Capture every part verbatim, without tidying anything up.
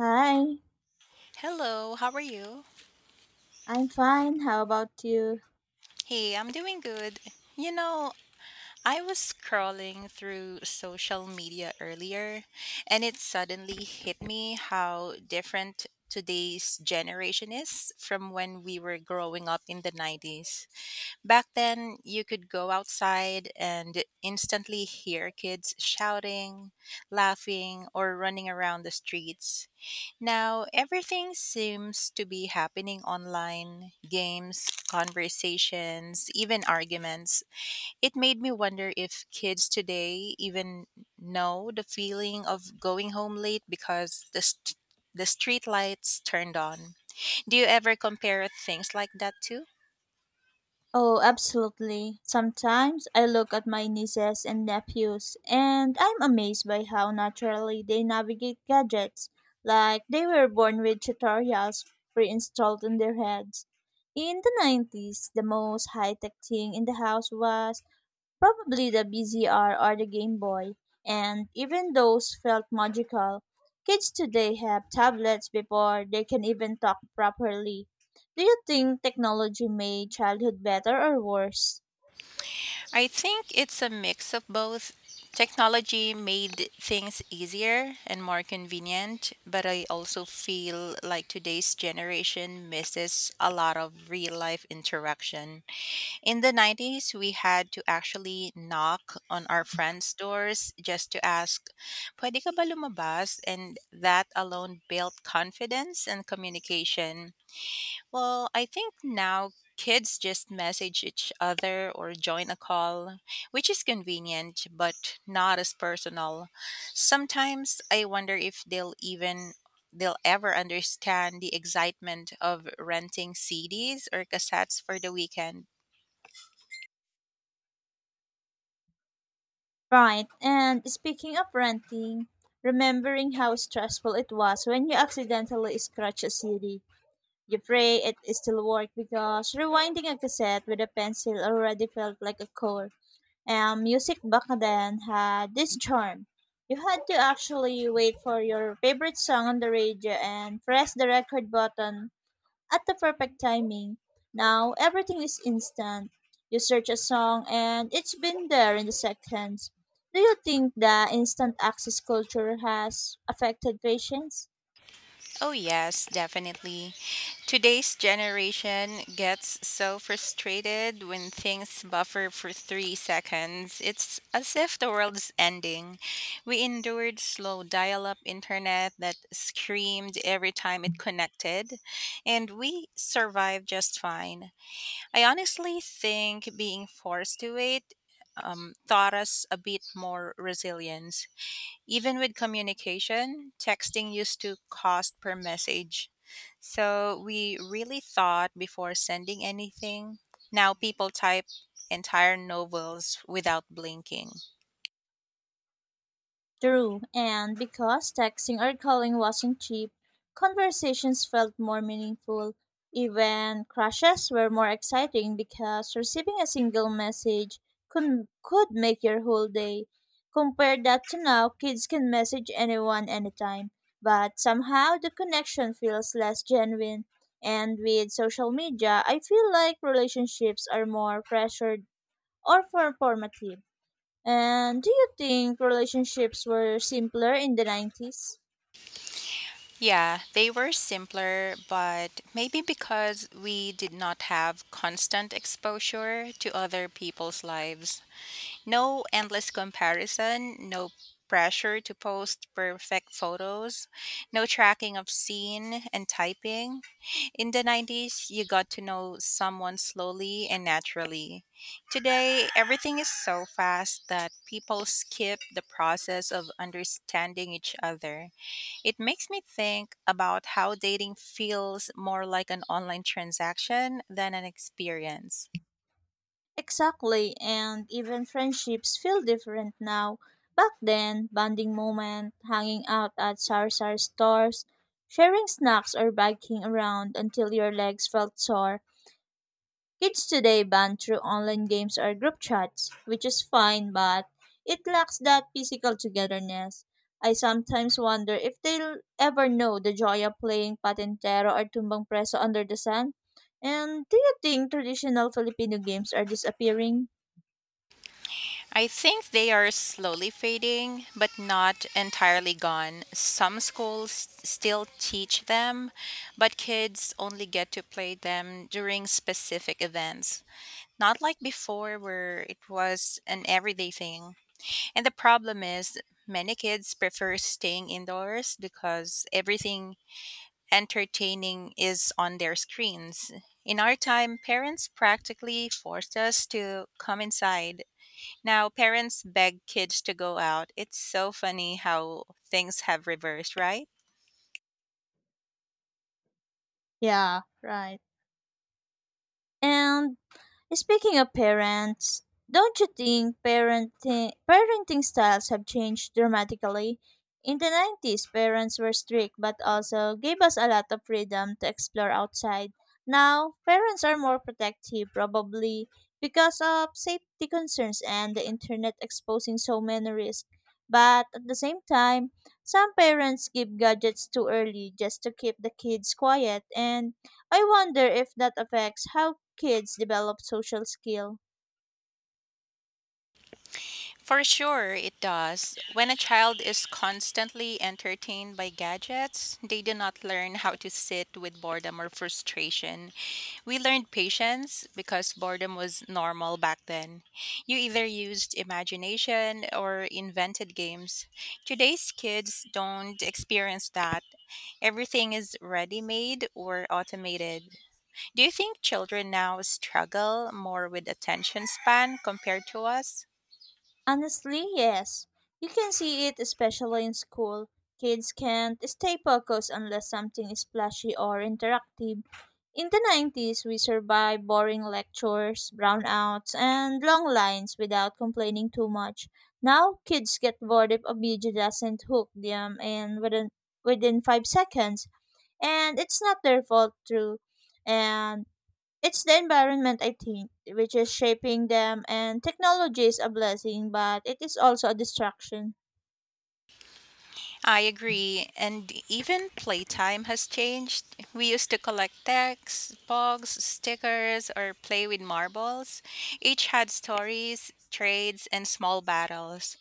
Hi, Hello, how are you? I'm fine. How about you? Hey, I'm doing good. You know, I was scrolling through social media earlier and it suddenly hit me how different today's generation is from when we were growing up in the nineties. Back then, you could go outside and instantly hear kids shouting, laughing, or running around the streets. Now, everything seems to be happening online games, conversations, even arguments. It made me wonder if kids today even know the feeling of going home late because the, st- the street lights turned on. Do you ever compare things like that too? Oh, absolutely. Sometimes I look at my nieces and nephews and I'm amazed by how naturally they navigate gadgets, like they were born with tutorials pre installed in their heads. In the nineties, the most high tech thing in the house was probably the B Z R or the Game Boy, and even those felt magical. Kids today have tablets before they can even talk properly. Do you think technology made childhood better or worse? I think it's a mix of both. Technology made things easier and more convenient, but I also feel like today's generation misses a lot of real life interaction. In the nineties, we had to actually knock on our friends' doors just to ask, Pwede ka ba lumabas? And that alone built confidence and communication. Well, I think now kids just message each other or join a call, which is convenient but not as personal. Sometimes I wonder if they'll even they'll ever understand the excitement of renting C Ds or cassettes for the weekend. Right, and speaking of renting, remembering how stressful it was when you accidentally scratch a C D. You pray it still worked because rewinding a cassette with a pencil already felt like a chore. And music back then had this charm. You had to actually wait for your favorite song on the radio and press the record button at the perfect timing. Now everything is instant. You search a song and it's been there in the seconds. Do you think the instant access culture has affected patience? Oh, yes, definitely. Today's generation gets so frustrated when things buffer for three seconds. It's as if the world's ending. We endured slow dial up internet that screamed every time it connected, and we survived just fine. I honestly think being forced to wait um, taught us a bit more resilience. Even with communication, texting used to cost per message. So we really thought before sending anything. Now people type entire novels without blinking. True, and because texting or calling wasn't cheap, conversations felt more meaningful. Even crushes were more exciting because receiving a single message could, could make your whole day. Compare that to now, kids can message anyone anytime, but somehow the connection feels less genuine. And with social media, I feel like relationships are more pressured or performative. And do you think relationships were simpler in the nineties? Yeah, they were simpler, but maybe because we did not have constant exposure to other people's lives. No endless comparison, no pressure to post perfect photos, no tracking of scene and typing. In the nineties, you got to know someone slowly and naturally. Today, everything is so fast that people skip the process of understanding each other. It makes me think about how dating feels more like an online transaction than an experience. Exactly, and even friendships feel different now. Back then, bonding moment, hanging out at sar sar stores, sharing snacks or biking around until your legs felt sore. Kids today bond through online games or group chats, which is fine, but it lacks that physical togetherness. I sometimes wonder if they'll ever know the joy of playing patintero or tumbang preso under the sun. And do you think traditional Filipino games are disappearing? I think they are slowly fading, but not entirely gone. Some schools still teach them, but kids only get to play them during specific events. Not like before, where it was an everyday thing. And the problem is, many kids prefer staying indoors because everything entertaining is on their screens. In our time, parents practically forced us to come inside. Now, parents beg kids to go out. It's so funny how things have reversed, right? Yeah, right. And speaking of parents, don't you think parenting parenting styles have changed dramatically? In the nineties, parents were strict but also gave us a lot of freedom to explore outside. Now, parents are more protective probably because of safety concerns and the internet exposing so many risks. But at the same time, some parents give gadgets too early just to keep the kids quiet, and I wonder if that affects how kids develop social skill. For sure, it does. When a child is constantly entertained by gadgets, they do not learn how to sit with boredom or frustration. We learned patience because boredom was normal back then. You either used imagination or invented games. Today's kids don't experience that. Everything is ready made or automated. Do you think children now struggle more with attention span compared to us? Honestly, yes. You can see it especially in school. Kids can't stay focused unless something is flashy or interactive. In the nineties, we survived boring lectures, brownouts, and long lines without complaining too much. Now, kids get bored if a video doesn't hook them and within, within five seconds, and it's not their fault, true. And it's the environment, I think, which is shaping them, and technology is a blessing, but it is also a distraction. I agree, and even playtime has changed. We used to collect texts, books, stickers, or play with marbles. Each had stories, trades, and small battles.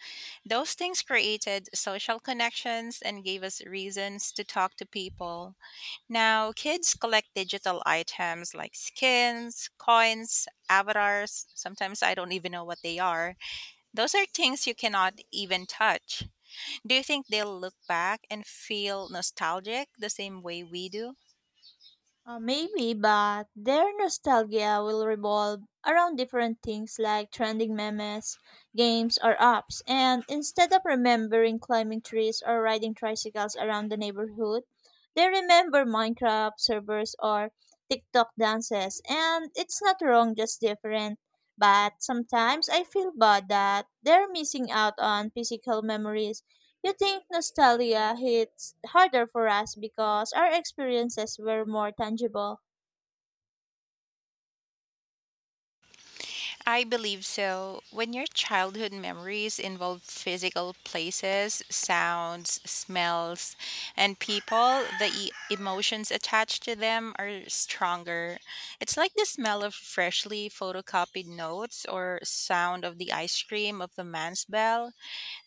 Those things created social connections and gave us reasons to talk to people. Now, kids collect digital items like skins, coins, avatars. Sometimes I don't even know what they are. Those are things you cannot even touch. Do you think they'll look back and feel nostalgic the same way we do? Uh, maybe, but their nostalgia will revolve around different things like trending memes, games, or apps. And instead of remembering climbing trees or riding tricycles around the neighborhood, they remember Minecraft servers or TikTok dances. And it's not wrong, just different. But sometimes I feel bad that they're missing out on physical memories. You think nostalgia hits harder for us because our experiences were more tangible? I believe so. When your childhood memories involve physical places, sounds, smells, and people, the e- emotions attached to them are stronger. It's like the smell of freshly photocopied notes or sound of the ice cream of the man's bell.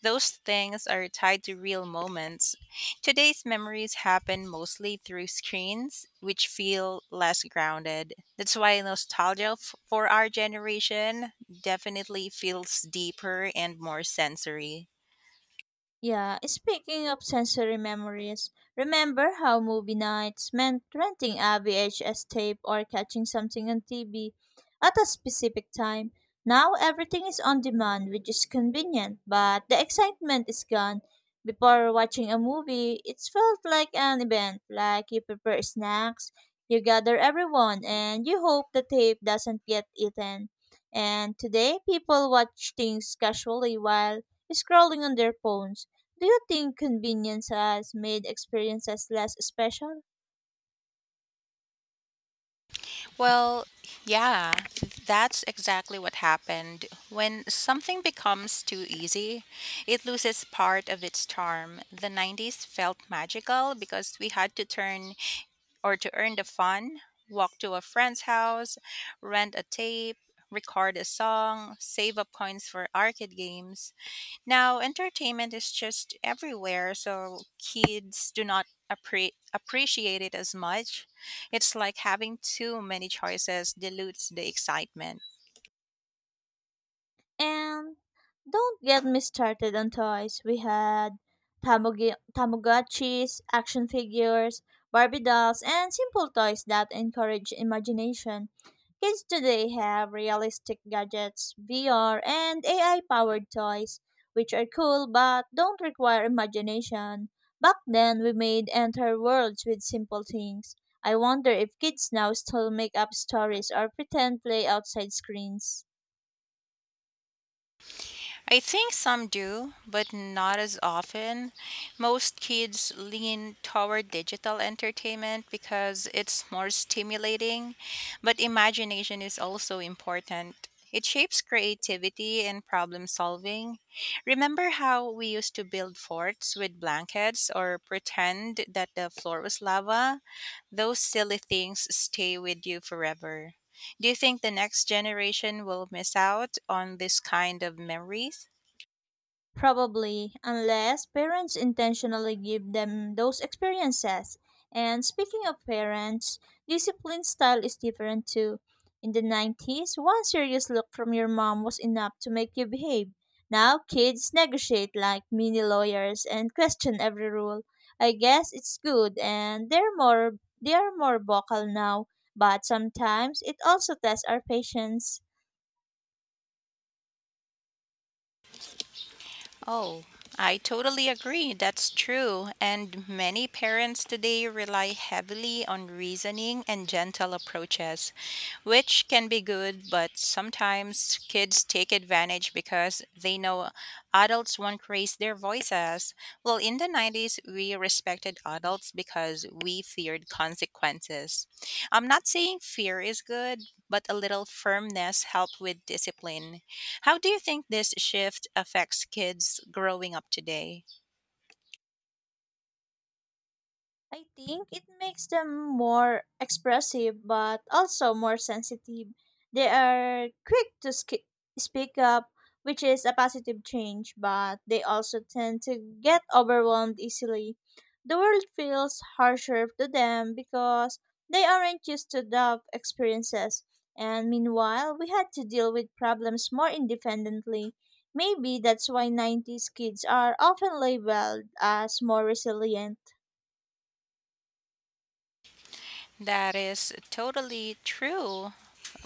Those things are tied to real moments. Today's memories happen mostly through screens, which feel less grounded. That's why nostalgia f- for our generation definitely feels deeper and more sensory. Yeah, speaking of sensory memories, remember how movie nights meant renting a V H S tape or catching something on T V at a specific time? Now everything is on demand, which is convenient, but the excitement is gone. Before watching a movie, it felt like an event, like you prepare snacks, you gather everyone, and you hope the tape doesn't get eaten. And today, people watch things casually while scrolling on their phones. Do you think convenience has made experiences less special? Well, yeah, that's exactly what happened. When something becomes too easy, it loses part of its charm. The nineties felt magical because we had to turn or to earn the fun, walk to a friend's house, rent a tape, record a song, save up coins for arcade games. Now, entertainment is just everywhere, so kids do not appre- appreciate it as much. It's like having too many choices dilutes the excitement. And don't get me started on toys. We had tamogi- Tamagotchis, action figures, Barbie dolls, and simple toys that encourage imagination. Kids today have realistic gadgets, V R, and A I powered toys, which are cool but don't require imagination. Back then, we made entire worlds with simple things. I wonder if kids now still make up stories or pretend play outside screens. I think some do, but not as often. Most kids lean toward digital entertainment because it's more stimulating, but imagination is also important. It shapes creativity and problem solving. Remember how we used to build forts with blankets or pretend that the floor was lava? Those silly things stay with you forever. Do you think the next generation will miss out on this kind of memories? Probably, unless parents intentionally give them those experiences. And speaking of parents, discipline style is different too. In the nineties, one serious look from your mom was enough to make you behave. Now, kids negotiate like mini lawyers and question every rule. I guess it's good and they're more they are more vocal now, but sometimes it also tests our patience. Oh, I totally agree. That's true. And many parents today rely heavily on reasoning and gentle approaches, which can be good, but sometimes kids take advantage because they know adults won't raise their voices. Well, in the nineties, we respected adults because we feared consequences. I'm not saying fear is good, but a little firmness helped with discipline. How do you think this shift affects kids growing up today? I think it makes them more expressive but also more sensitive. They are quick to sk- speak up, which is a positive change, but they also tend to get overwhelmed easily. The world feels harsher to them because they aren't used to tough experiences. And meanwhile, we had to deal with problems more independently. Maybe that's why nineties kids are often labeled as more resilient. That is totally true.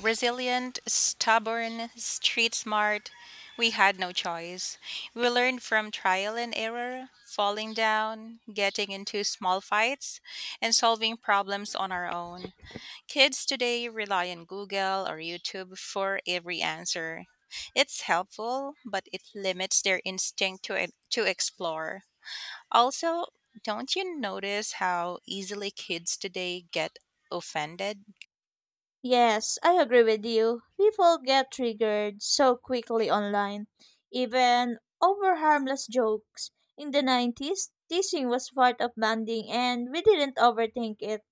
Resilient, stubborn, street smart, we had no choice. We learned from trial and error, falling down, getting into small fights, and solving problems on our own. Kids today rely on Google or YouTube for every answer. It's helpful, but it limits their instinct to, e-, to explore. Also, don't you notice how easily kids today get offended? Yes, I agree with you. People get triggered so quickly online, even over harmless jokes. In the nineties, teasing was part of bonding and we didn't overthink it.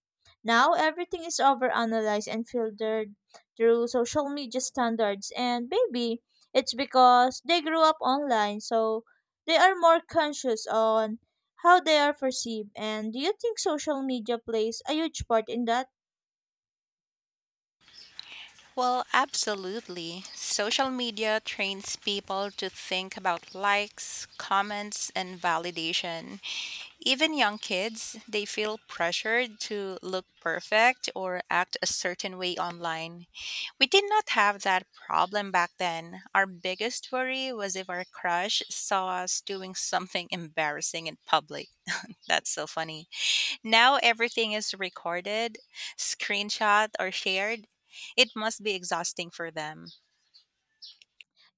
Now everything is overanalyzed and filtered through social media standards, and maybe it's because they grew up online, so they are more conscious on how they are perceived. And do you think social media plays a huge part in that? Well, absolutely. Social media trains people to think about likes, comments, and validation. Even young kids, they feel pressured to look perfect or act a certain way online. We did not have that problem back then. Our biggest worry was if our crush saw us doing something embarrassing in public. That's so funny. Now everything is recorded, screenshot, or shared, it must be exhausting for them.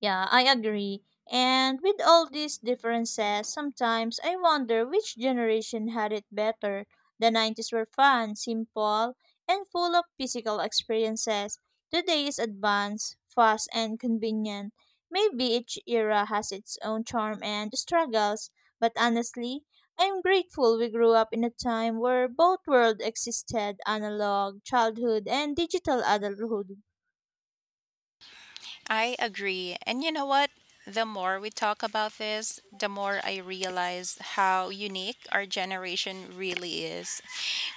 Yeah, I agree. And with all these differences, sometimes I wonder which generation had it better. The nineties were fun, simple, and full of physical experiences. Today is advanced, fast, and convenient. Maybe each era has its own charm and struggles, but honestly, I'm grateful we grew up in a time where both worlds existed analog childhood and digital adulthood. I agree. And you know what? The more we talk about this, the more I realize how unique our generation really is.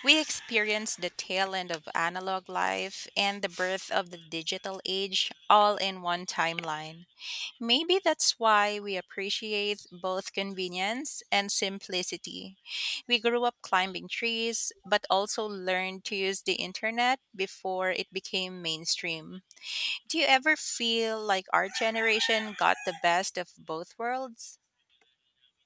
We experienced the tail end of analog life and the birth of the digital age all in one timeline. Maybe that's why we appreciate both convenience and simplicity. We grew up climbing trees, but also learned to use the internet before it became mainstream. Do you ever feel like our generation got the best of both worlds?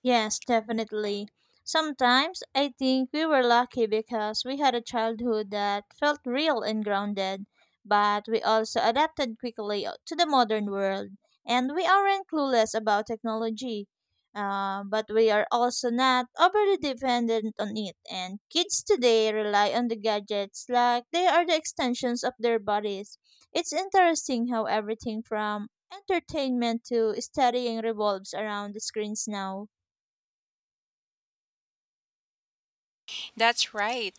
Yes, definitely. Sometimes I think we were lucky because we had a childhood that felt real and grounded, but we also adapted quickly uh, to the modern world, and we aren't clueless about technology. Uh, but we are also not overly dependent on it, and kids today rely on the gadgets like they are the extensions of their bodies. It's interesting how everything from entertainment to studying revolves around the screens now. That's right.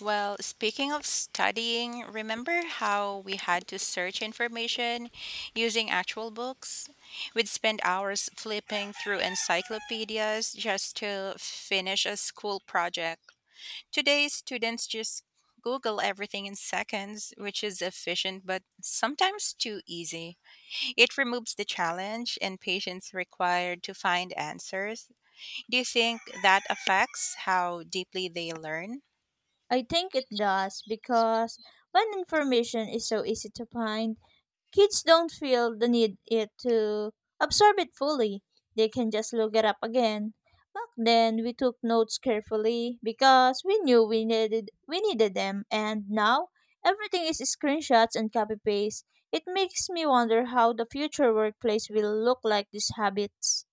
Well, speaking of studying, remember how we had to search information using actual books? We'd spend hours flipping through encyclopedias just to finish a school project. Today, students just Google everything in seconds, which is efficient but sometimes too easy. It removes the challenge and patience required to find answers. Do you think that affects how deeply they learn? I think it does because when information is so easy to find, kids don't feel the need it to absorb it fully. They can just look it up again. Back then, we took notes carefully because we knew we needed we needed them, and now everything is screenshots and copy paste. It makes me wonder how the future workplace will look like these habits.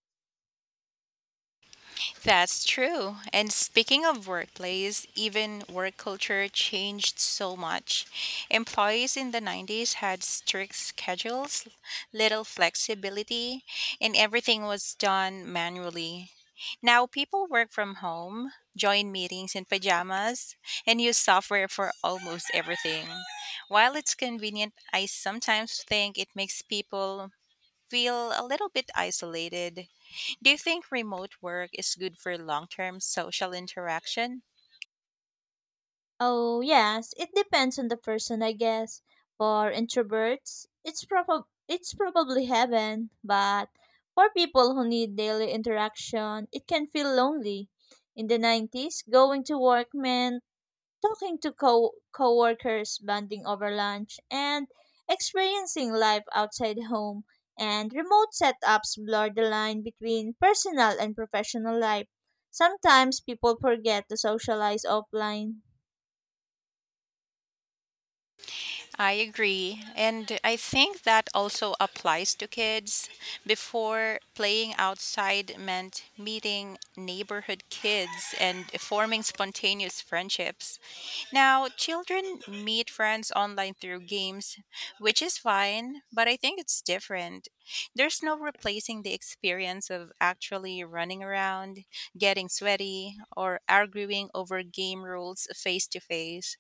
That's true. And speaking of workplace, even work culture changed so much. Employees in the nineties had strict schedules, little flexibility, and everything was done manually. Now people work from home, join meetings in pajamas, and use software for almost everything. While it's convenient, I sometimes think it makes people feel a little bit isolated. Do you think remote work is good for long term social interaction? Oh, yes, it depends on the person, I guess. For introverts, it's prob- it's probably heaven, but for people who need daily interaction, it can feel lonely. In the nineties, going to work meant talking to co- coworkers, bonding over lunch, and experiencing life outside home. And remote setups blur the line between personal and professional life. Sometimes people forget to socialize offline. I agree. And I think that also applies to kids. Before, playing outside meant meeting neighborhood kids and forming spontaneous friendships. Now, children meet friends online through games, which is fine, but I think it's different. There's no replacing the experience of actually running around, getting sweaty, or arguing over game rules face to face.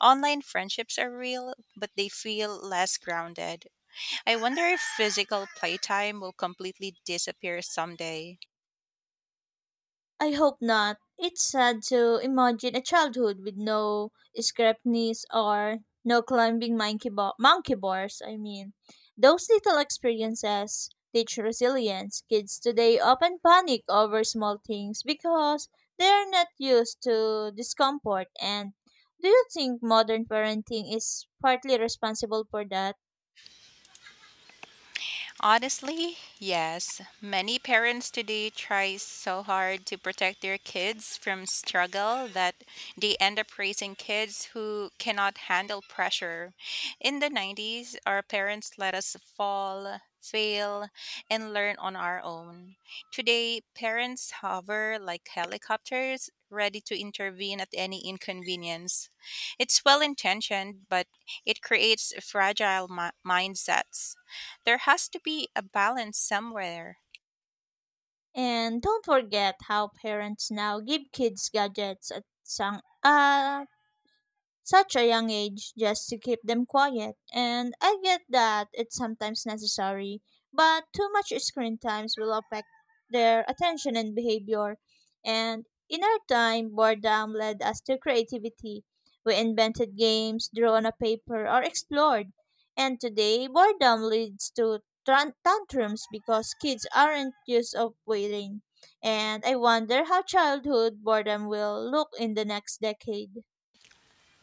Online friendships are real, but they feel less grounded. I wonder if physical playtime will completely disappear someday. I hope not. It's sad to imagine a childhood with no scrapneys or no climbing monkey, bo- monkey bars. I mean, those little experiences teach resilience. Kids today often panic over small things because they're not used to discomfort. And do you think modern parenting is partly responsible for that? Honestly, yes. Many parents today try so hard to protect their kids from struggle that they end up raising kids who cannot handle pressure. In the nineties, our parents let us fall, fail, and learn on our own. Today, parents hover like helicopters, ready to intervene at any inconvenience. It's well intentioned, but it creates fragile mi- mindsets. There has to be a balance somewhere. And don't forget how parents now give kids gadgets at some, uh, such a young age just to keep them quiet. And I get that it's sometimes necessary, but too much screen times will affect their attention and behavior. And in our time, boredom led us to creativity. We invented games, drew on a paper, or explored. And today, boredom leads to tran- tantrums because kids aren't used of waiting. And I wonder how childhood boredom will look in the next decade.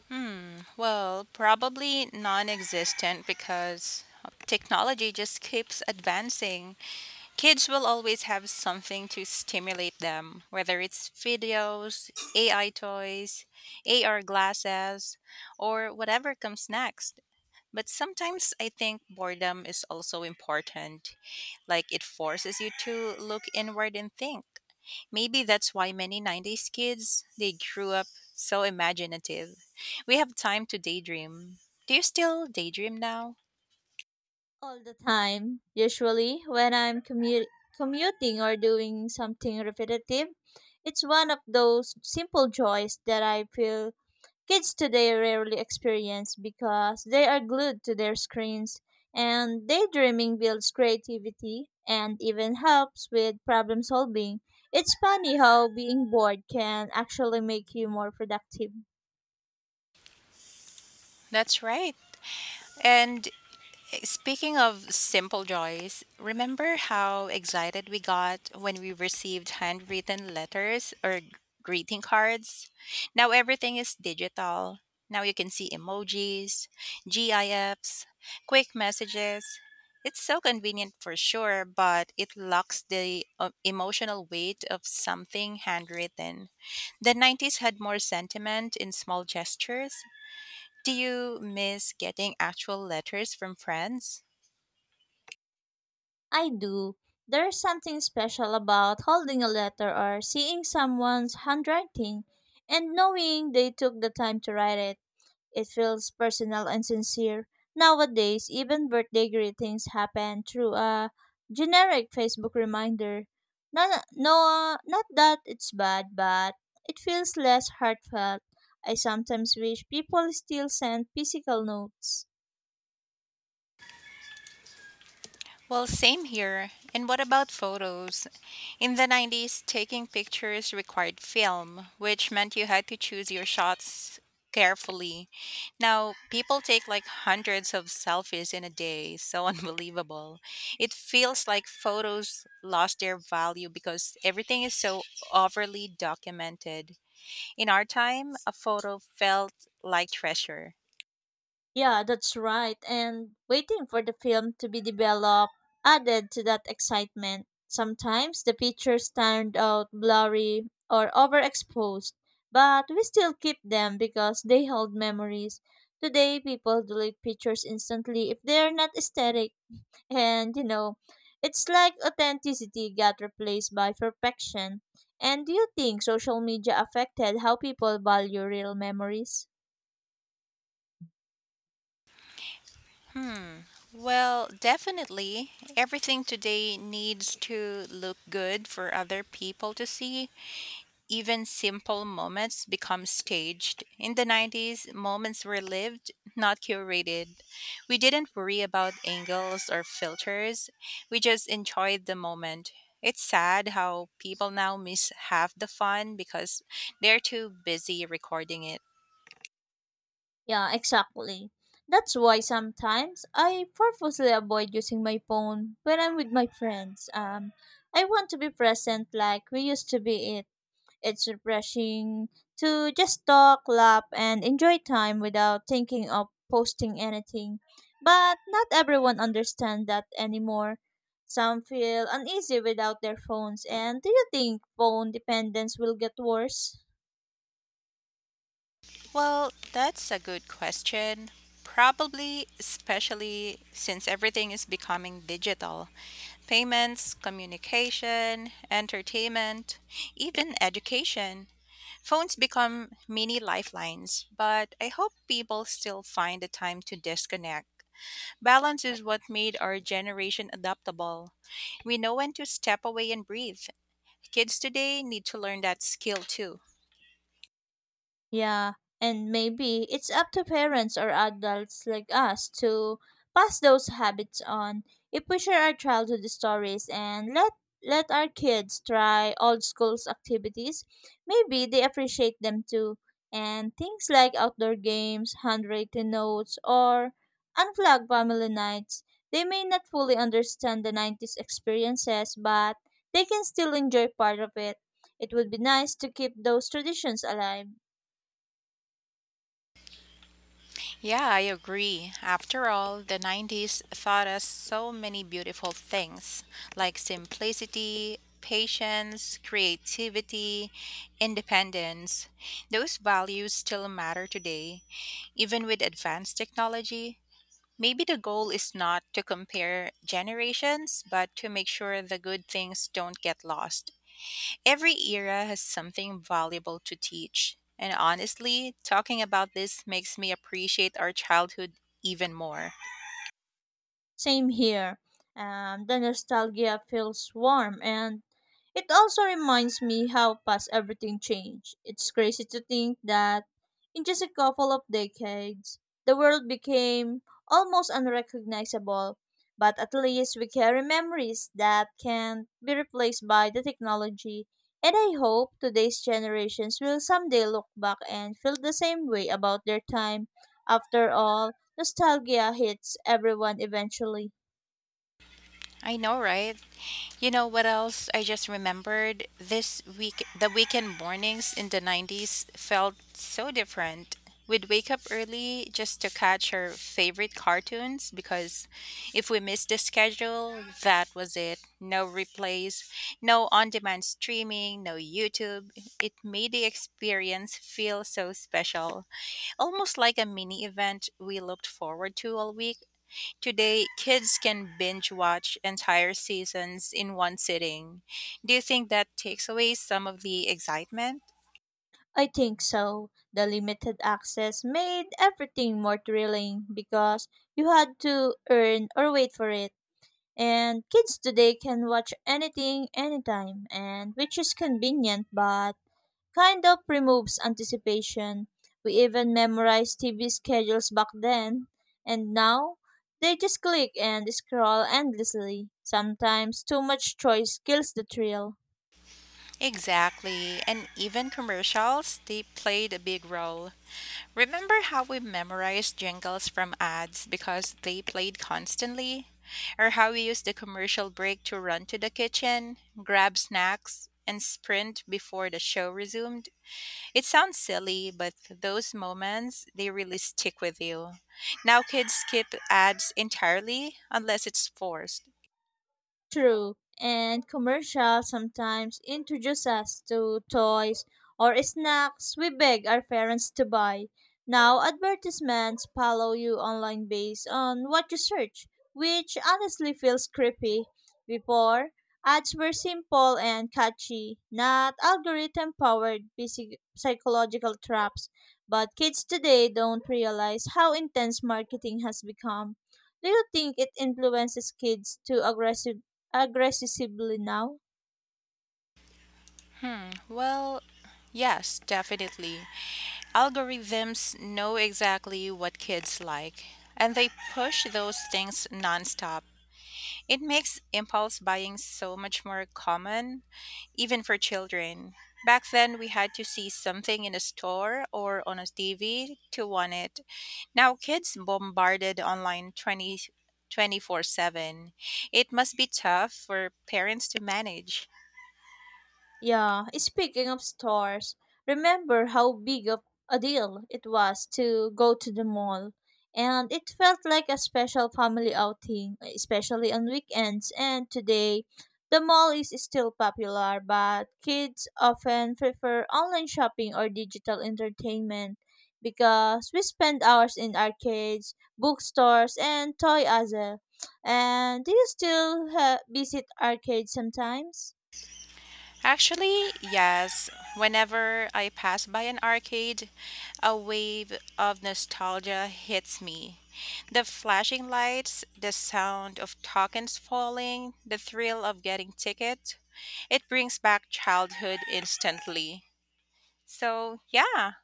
Hmm. Well, probably non existent because technology just keeps advancing. Kids will always have something to stimulate them, whether it's videos, A I toys, A R glasses, or whatever comes next. But sometimes I think boredom is also important. Like it forces you to look inward and think. Maybe that's why many nineties kids, they grew up so imaginative. We have time to daydream. Do you still daydream now? All the time. Usually, when I'm commu- commuting or doing something repetitive, it's one of those simple joys that I feel kids today rarely experience because they are glued to their screens. And daydreaming builds creativity and even helps with problem solving. It's funny how being bored can actually make you more productive. That's right. And speaking of simple joys, remember how excited we got when we received handwritten letters or greeting cards? Now everything is digital. Now you can see emojis, GIFs, quick messages. It's so convenient for sure, but it lacks the uh, emotional weight of something handwritten. The nineties had more sentiment in small gestures. Do you miss getting actual letters from friends? I do. There's something special about holding a letter or seeing someone's handwriting and knowing they took the time to write it. It feels personal and sincere. Nowadays, even birthday greetings happen through a generic Facebook reminder. No, no, not that it's bad, but it feels less heartfelt. I sometimes wish people still sent physical notes. Well, same here. And what about photos? In the nineties, taking pictures required film, which meant you had to choose your shots carefully. Now, people take like hundreds of selfies in a day. So unbelievable. It feels like photos lost their value because everything is so overly documented. In our time, a photo felt like treasure. Yeah, that's right. And waiting for the film to be developed added to that excitement. Sometimes the pictures turned out blurry or overexposed, but we still keep them because they hold memories. Today, people delete pictures instantly if they're not aesthetic. And, you know, it's like authenticity got replaced by perfection. And do you think social media affected how people value real memories? Hmm. Well, definitely. Everything today needs to look good for other people to see. Even simple moments become staged. In the nineties, moments were lived, not curated. We didn't worry about angles or filters, we just enjoyed the moment. It's sad how people now miss half the fun because they're too busy recording it. Yeah, exactly. That's why sometimes I purposely avoid using my phone when I'm with my friends. Um, I want to be present like we used to be it. It's refreshing to just talk, laugh, and enjoy time without thinking of posting anything. But not everyone understands that anymore. Some feel uneasy without their phones. And do you think phone dependence will get worse? Well, that's a good question. Probably, especially since everything is becoming digital. Payments, communication, entertainment, even education. Phones become mini lifelines, but I hope people still find the time to disconnect. Balance is what made our generation adaptable. We know when to step away and breathe. Kids today need to learn that skill too. Yeah, and maybe it's up to parents or adults like us to pass those habits on. If we share our childhood stories and let let our kids try old school's activities, maybe they appreciate them too. And things like outdoor games, handwritten notes, or unplugged family nights, they may not fully understand the nineties experiences, but they can still enjoy part of it. It would be nice to keep those traditions alive. Yeah, I agree. After all, the nineties taught us so many beautiful things like simplicity, patience, creativity, independence. Those values still matter today, even with advanced technology. Maybe the goal is not to compare generations, but to make sure the good things don't get lost. Every era has something valuable to teach. And honestly, talking about this makes me appreciate our childhood even more. Same here. Um, the nostalgia feels warm and it also reminds me how fast everything changed. It's crazy to think that in just a couple of decades, the world became almost unrecognizable. But at least we carry memories that can be replaced by the technology. And I hope today's generations will someday look back and feel the same way about their time. After all, nostalgia hits everyone eventually. I know, right? You know what else I just remembered? This week, the weekend mornings in the nineties felt so different. We'd wake up early just to catch our favorite cartoons because if we missed the schedule, that was it. No replays, no on demand streaming, no YouTube. It made the experience feel so special, almost like a mini event we looked forward to all week. Today, kids can binge watch entire seasons in one sitting. Do you think that takes away some of the excitement? I think so. The limited access made everything more thrilling because you had to earn or wait for it. And kids today can watch anything anytime and which is convenient but kind of removes anticipation. We even memorized T V schedules back then and now they just click and scroll endlessly. Sometimes too much choice kills the thrill. Exactly, and even commercials, they played a big role. Remember how we memorized jingles from ads because they played constantly? Or how we used the commercial break to run to the kitchen, grab snacks, and sprint before the show resumed? It sounds silly, but those moments, they really stick with you. Now kids skip ads entirely unless it's forced. True, and commercials sometimes introduce us to toys or snacks we beg our parents to buy. Now, advertisements follow you online based on what you search, which honestly feels creepy. Before, ads were simple and catchy, not algorithm powered psychological traps. But kids today don't realize how intense marketing has become. Do you think it influences kids to aggressive aggressively now? Hmm, well, yes, definitely. Algorithms know exactly what kids like, and they push those things nonstop. It makes impulse buying so much more common, even for children. Back then, we had to see something in a store or on a T V to want it. Now, kids bombarded online twenty, twenty-four seven. It must be tough for parents to manage. Yeah, speaking of stores, remember how big of a deal it was to go to the mall. And it felt like a special family outing, especially on weekends. And today, the mall is still popular, but kids often prefer online shopping or digital entertainment because we spend hours in arcades, bookstores, and toy other. And do you still ha- visit arcades sometimes? Actually, yes. Whenever I pass by an arcade, a wave of nostalgia hits me. The flashing lights, the sound of tokens falling, the thrill of getting ticket. It brings back childhood instantly. So, yeah,